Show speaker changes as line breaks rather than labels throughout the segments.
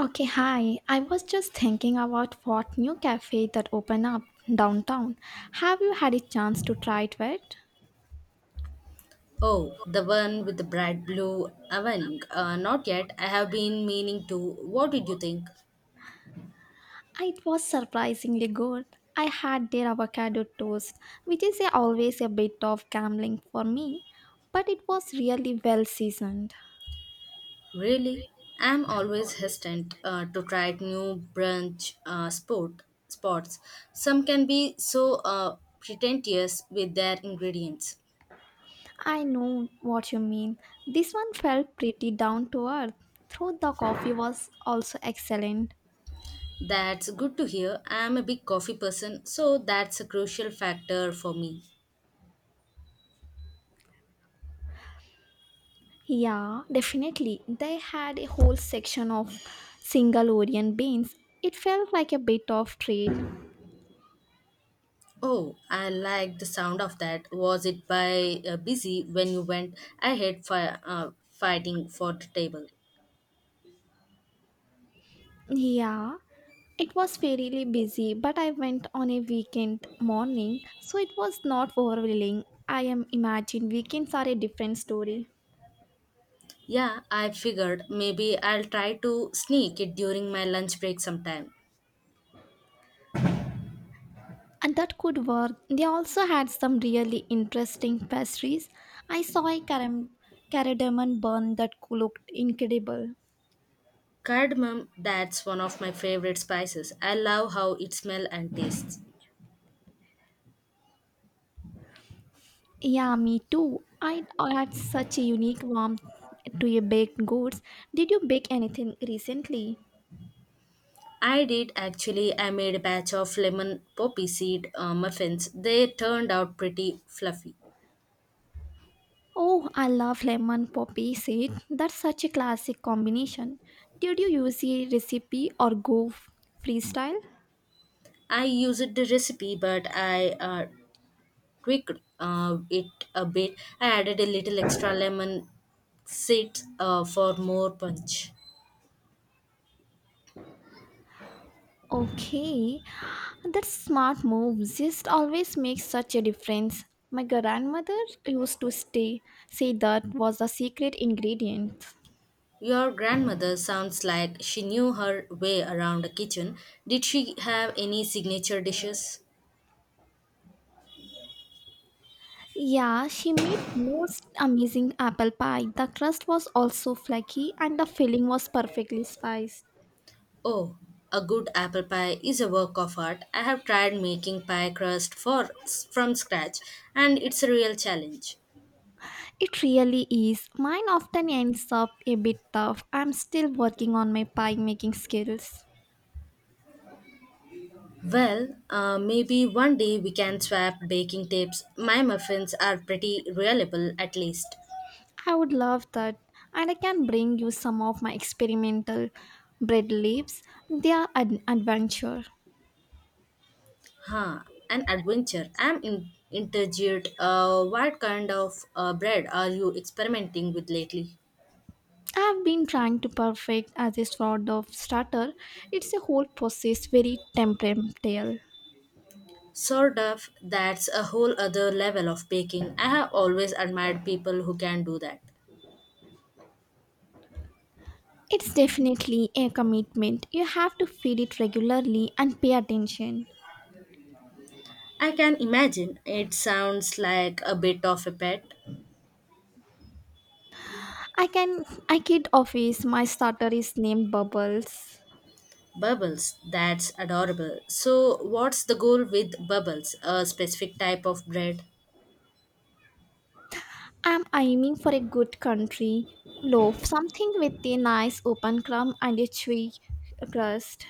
Okay, hi. I was just thinking about what new cafe that opened up downtown. Have you had a chance to try it yet?
Oh, the one with the bright blue awning. Not yet. I have been meaning to. What did you think?
Ah, it was surprisingly good. I had their avocado toast, which is always a bit of gambling for me, but it was really well seasoned.
Really? I'm always hesitant to try new brunch sport spots. Some can be so pretentious with their ingredients.
I know what you mean. This one felt pretty down to earth. Though the coffee was also excellent.
That's good to hear. I'm a big coffee person, so that's a crucial factor for me.
Yeah, definitely. They had a whole section of single Orient beans. It felt like a bit of trade.
Oh, I like the sound of that. Was it by busy when you went ahead fighting for the table?
Yeah, it was fairly busy, but I went on a weekend morning, so it was not overwhelming. I am imagine weekends are a different story.
Yeah, I figured maybe I'll try to sneak it during my lunch break sometime.
And that could work. They also had some really interesting pastries. I saw a cardamom bun that looked incredible.
Cardamom, that's one of my favorite spices. I love how it smells and tastes.
Yeah, me too. I add such a unique warmth to your baked goods. Did you bake anything recently?
I did actually. I made a batch of lemon poppy seed muffins. They turned out pretty fluffy.
Oh, I love lemon poppy seed. That's such a classic combination. Did you use a recipe or go freestyle?
I used the recipe, but I tweaked it a bit. I added a little extra lemon seeds for more punch.
Okay, that's smart move. Just always makes such a difference. My grandmother used to stay say that was the secret ingredient.
Your grandmother sounds like she knew her way around the kitchen. Did she have any signature dishes?
Yeah, she made most amazing apple pie. The crust was also flaky and the filling was perfectly spiced.
Oh, a good apple pie is a work of art. I have tried making pie crust for from scratch, and it's a real challenge.
It really is. Mine often ends up a bit tough. I'm still working on my pie making skills.
Well, maybe one day we can swap baking tips. My muffins are pretty reliable, at least.
I would love that. And I can bring you some of my experimental bread leaves. They are an adventure.
Huh, an adventure. I'm intrigued. What kind of bread are you experimenting with lately?
I've been trying to perfect as a sort of starter. It's a whole process, very temperamental.
Sourdough, that's a whole other level of baking. I have always admired people who can do that.
It's definitely a commitment. You have to feed it regularly and pay attention.
I can imagine it sounds like a bit of a pet.
I can I kid office, my starter is named Bubbles.
Bubbles, that's adorable. So, what's the goal with bubbles? A specific type of bread?
I'm aiming for a good country loaf, something with a nice open crumb and a chewy crust.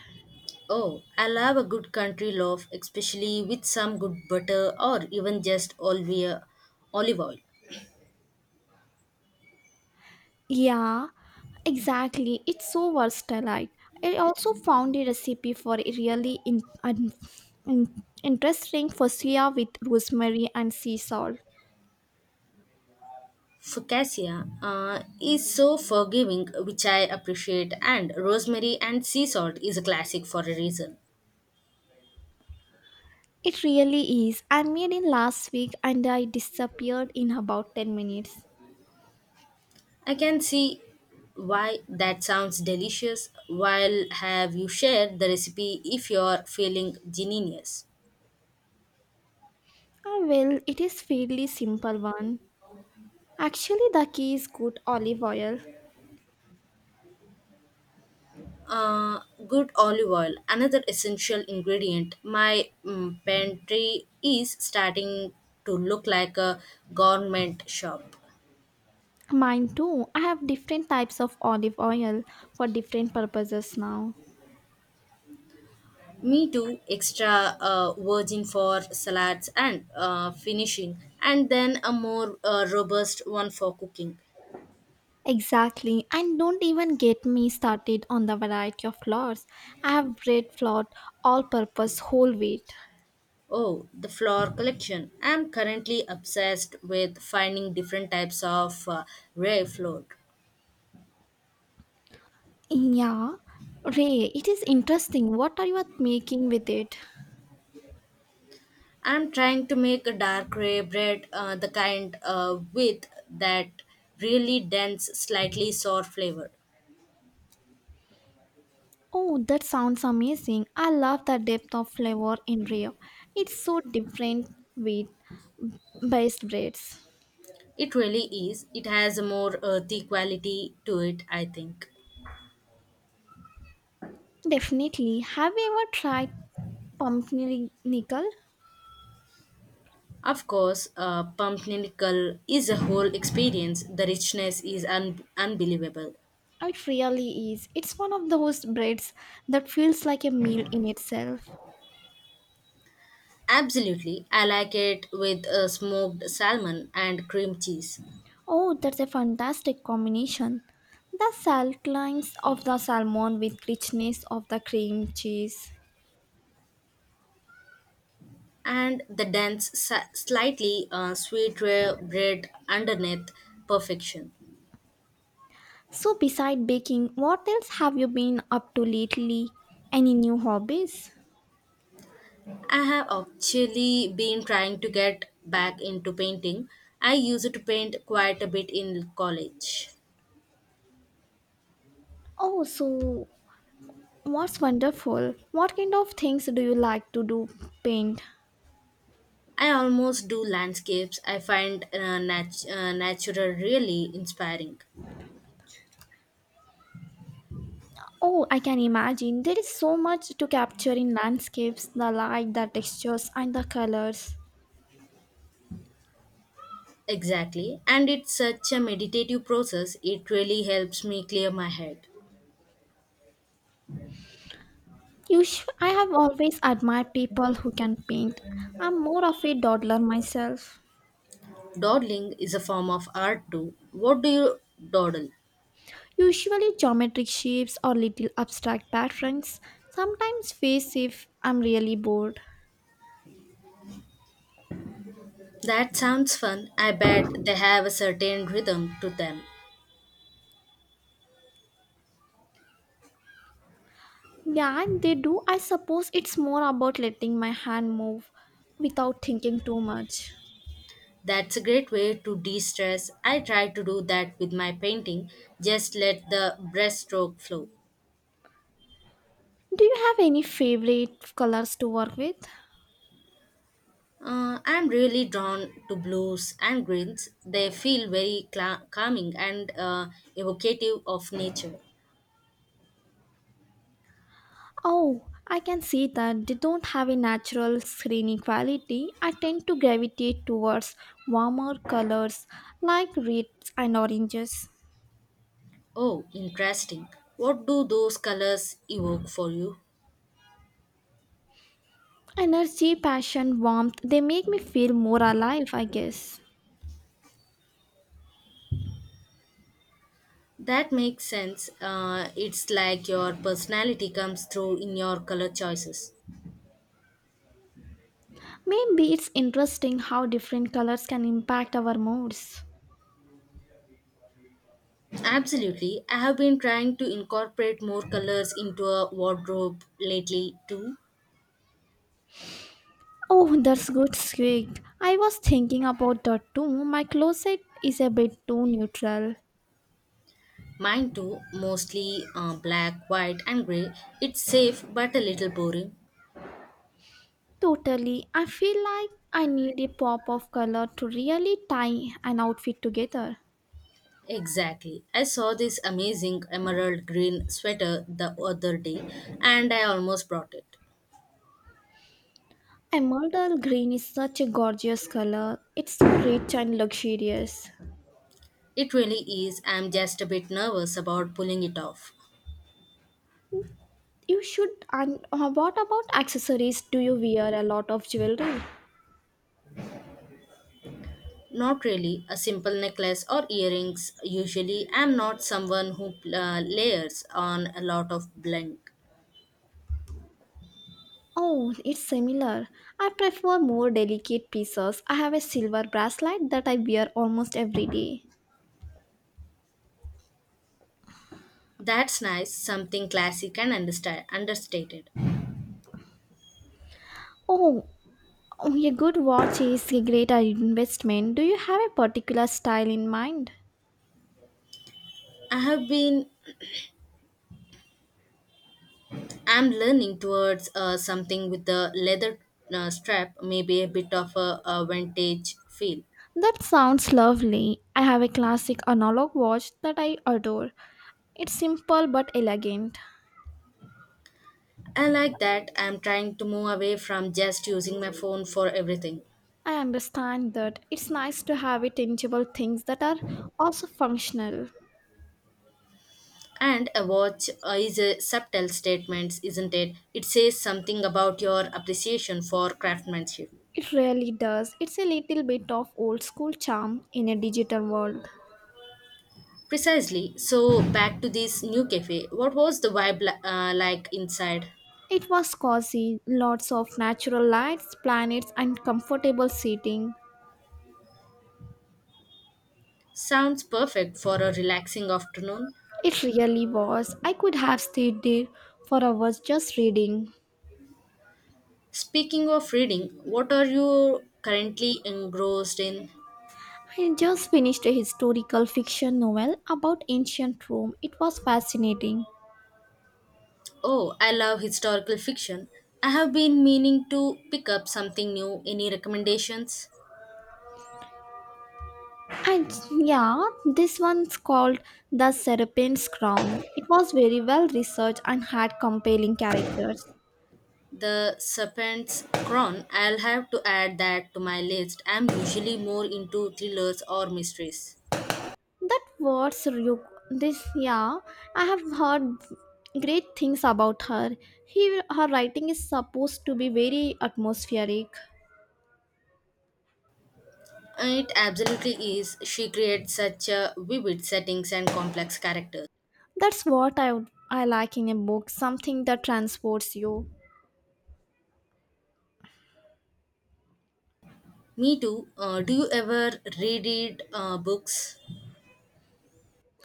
Oh, I love a good country loaf, especially with some good butter or even just olive oil.
Yeah, exactly. It's so versatile. I also found a recipe for a really interesting focaccia with rosemary and sea salt.
Focaccia is so forgiving, which I appreciate, and rosemary and sea salt is a classic for a reason.
It really is. I made it last week and I disappeared in about 10 minutes.
I can see why that sounds delicious. While have you shared the recipe if you're feeling genius?
Ah, well, it is fairly simple one. Actually, the key is good olive oil.
Uh, Good olive oil, another essential ingredient. My pantry is starting to look like a government shop.
Mine too. I have different types of olive oil for different purposes now.
Me too, extra virgin for salads and finishing, and then a more robust one for cooking.
Exactly, and don't even get me started on the variety of flours. I have bread flour, all purpose whole wheat.
Oh, the flower collection. I'm currently obsessed with finding different types of rare flowers.
Yeah, Ray, it is interesting. What are you making with it?
I'm trying to make a dark gray bread, the kind with that really dense, slightly sour flavor.
Oh, that sounds amazing. I love the depth of flavor in Rio. It's so different with based breads.
It really is. It has a more earthy quality to it, I think.
Definitely. Have you ever tried pumpernickel?
Of course, pumpkinnickel is a whole experience. The richness is unbelievable.
It really is. It's one of those breads that feels like a meal in itself.
Absolutely, I like it with smoked salmon and cream cheese,
Oh, that's a fantastic combination. The salt lines of the salmon with richness of the cream cheese.
and the dense, slightly sweet rare bread underneath perfection.
So, beside baking, what else have you been up to lately? Any new hobbies?
I have actually been trying to get back into painting. I used to paint quite a bit in college.
Oh, so what's wonderful? What kind of things do you like to do? Paint.
I almost do landscapes. I find natural really inspiring.
Oh, I can imagine. There is so much to capture in landscapes the light, the textures, and the colors.
Exactly. And it's such a meditative process. It really helps me clear my head.
I have always admired people who can paint. I'm more of a dawdler myself.
Dawdling is a form of art too. What do you dawdle?
Usually geometric shapes or little abstract patterns, sometimes face if I'm really bored.
That sounds fun. I bet they have a certain rhythm to them.
Yeah, they do. I suppose it's more about letting my hand move without thinking too much.
That's a great way to de stress. I try to do that with my painting, just let the brushstroke flow.
Do you have any favorite colors to work with?
I'm really drawn to blues and greens. They feel very cla calming and evocative of nature.
Oh, I can see that they don't have a natural screening quality. I tend to gravitate towards warmer colors like reds and oranges.
Oh, interesting. What do those colors evoke for you?
Energy, passion, warmth, they make me feel more alive, I guess.
That makes sense. It's like your personality comes through in your color choices.
Maybe it's interesting how different colors can impact our moods.
Absolutely. I have been trying to incorporate more colors into a wardrobe lately too.
Oh, that's good, squeaked. I was thinking about that too. My closet is a bit too neutral.
Mine too, mostly black, white, and gray. It's safe but a little boring.
Totally. I feel like I need a pop of color to really tie an outfit together.
Exactly. I saw this amazing emerald green sweater the other day and I almost bought it.
Emerald green is such a gorgeous color. It's so rich and luxurious.
It really is. I'm just a bit nervous about pulling it off.
You should. And what about accessories? Do you wear a lot of jewelry?
Not really. A simple necklace or earrings. Usually, I'm not someone who layers on a lot of bling.
Oh, it's similar. I prefer more delicate pieces. I have a silver bracelet that I wear almost every day.
That's nice, something classic and understated.
Oh, oh, a good watch is a great investment. Do you have a particular style in mind?
I have been, I'm learning towards something with the leather strap, maybe a bit of a vintage feel.
That sounds lovely. I have a classic analog watch that I adore. It's simple but elegant.
I like that. I'm trying to move away from just using my phone for everything.
I understand that it's nice to have a tangible things that are also functional.
And a watch is a subtle statement, isn't it? It says something about your appreciation for craftsmanship.
It really does. It's a little bit of old school charm in a digital world.
Precisely. So, back to this new cafe. What was the vibe like inside?
It was cozy, lots of natural lights, planets, and comfortable seating.
Sounds perfect for a relaxing afternoon.
It really was. I could have stayed there for hours just reading.
Speaking of reading, what are you currently engrossed in?
I just finished a historical fiction novel about ancient Rome. It was fascinating.
Oh, I love historical fiction. I have been meaning to pick up something new. Any recommendations?
And yeah, this one's called The Serpent's Crown. It was very well researched and had compelling characters.
The Serpent's Crown. I'll have to add that to my list. I'm usually more into thrillers or mysteries.
That was Ryuk. Yeah, I have heard great things about her. Her writing is supposed to be very atmospheric.
It absolutely is. She creates such vivid settings and complex characters.
That's what I like in a book, something that transports you.
Me too. Do you ever reread books?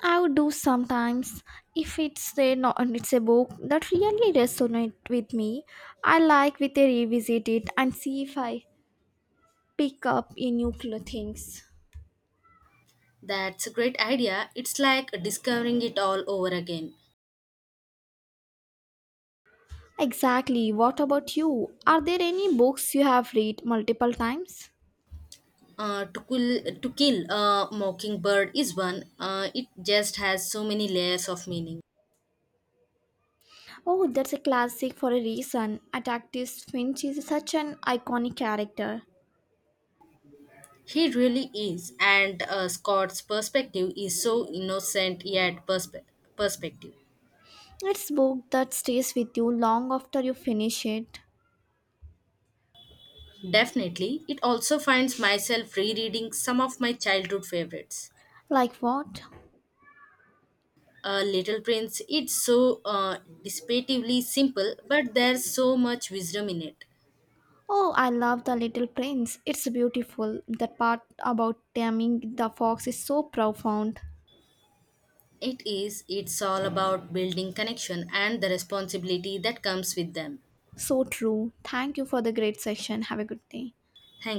I would do sometimes if it's a not it's a book that really resonates with me. I like with a revisit it and see if I pick up any things.
That's a great idea. It's like discovering it all over again.
Exactly. What about you? Are there any books you have read multiple times?
To kill a mockingbird is one. It just has so many layers of meaning.
Oh, that's a classic for a reason. Atticus Finch is such an iconic character.
He really is, and Scott's perspective is so innocent yet perspective.
It's book that stays with you long after you finish it.
Definitely, it also finds myself rereading some of my childhood favorites.
Like what?
Little Prince, it's so dissipatively simple, but there's so much wisdom in it.
Oh, I love The Little Prince. It's beautiful. That part about taming the fox is so profound.
It is, it's all about building connection and the responsibility that comes with them.
So true. Thank you for the great session. Have a good day.
Thank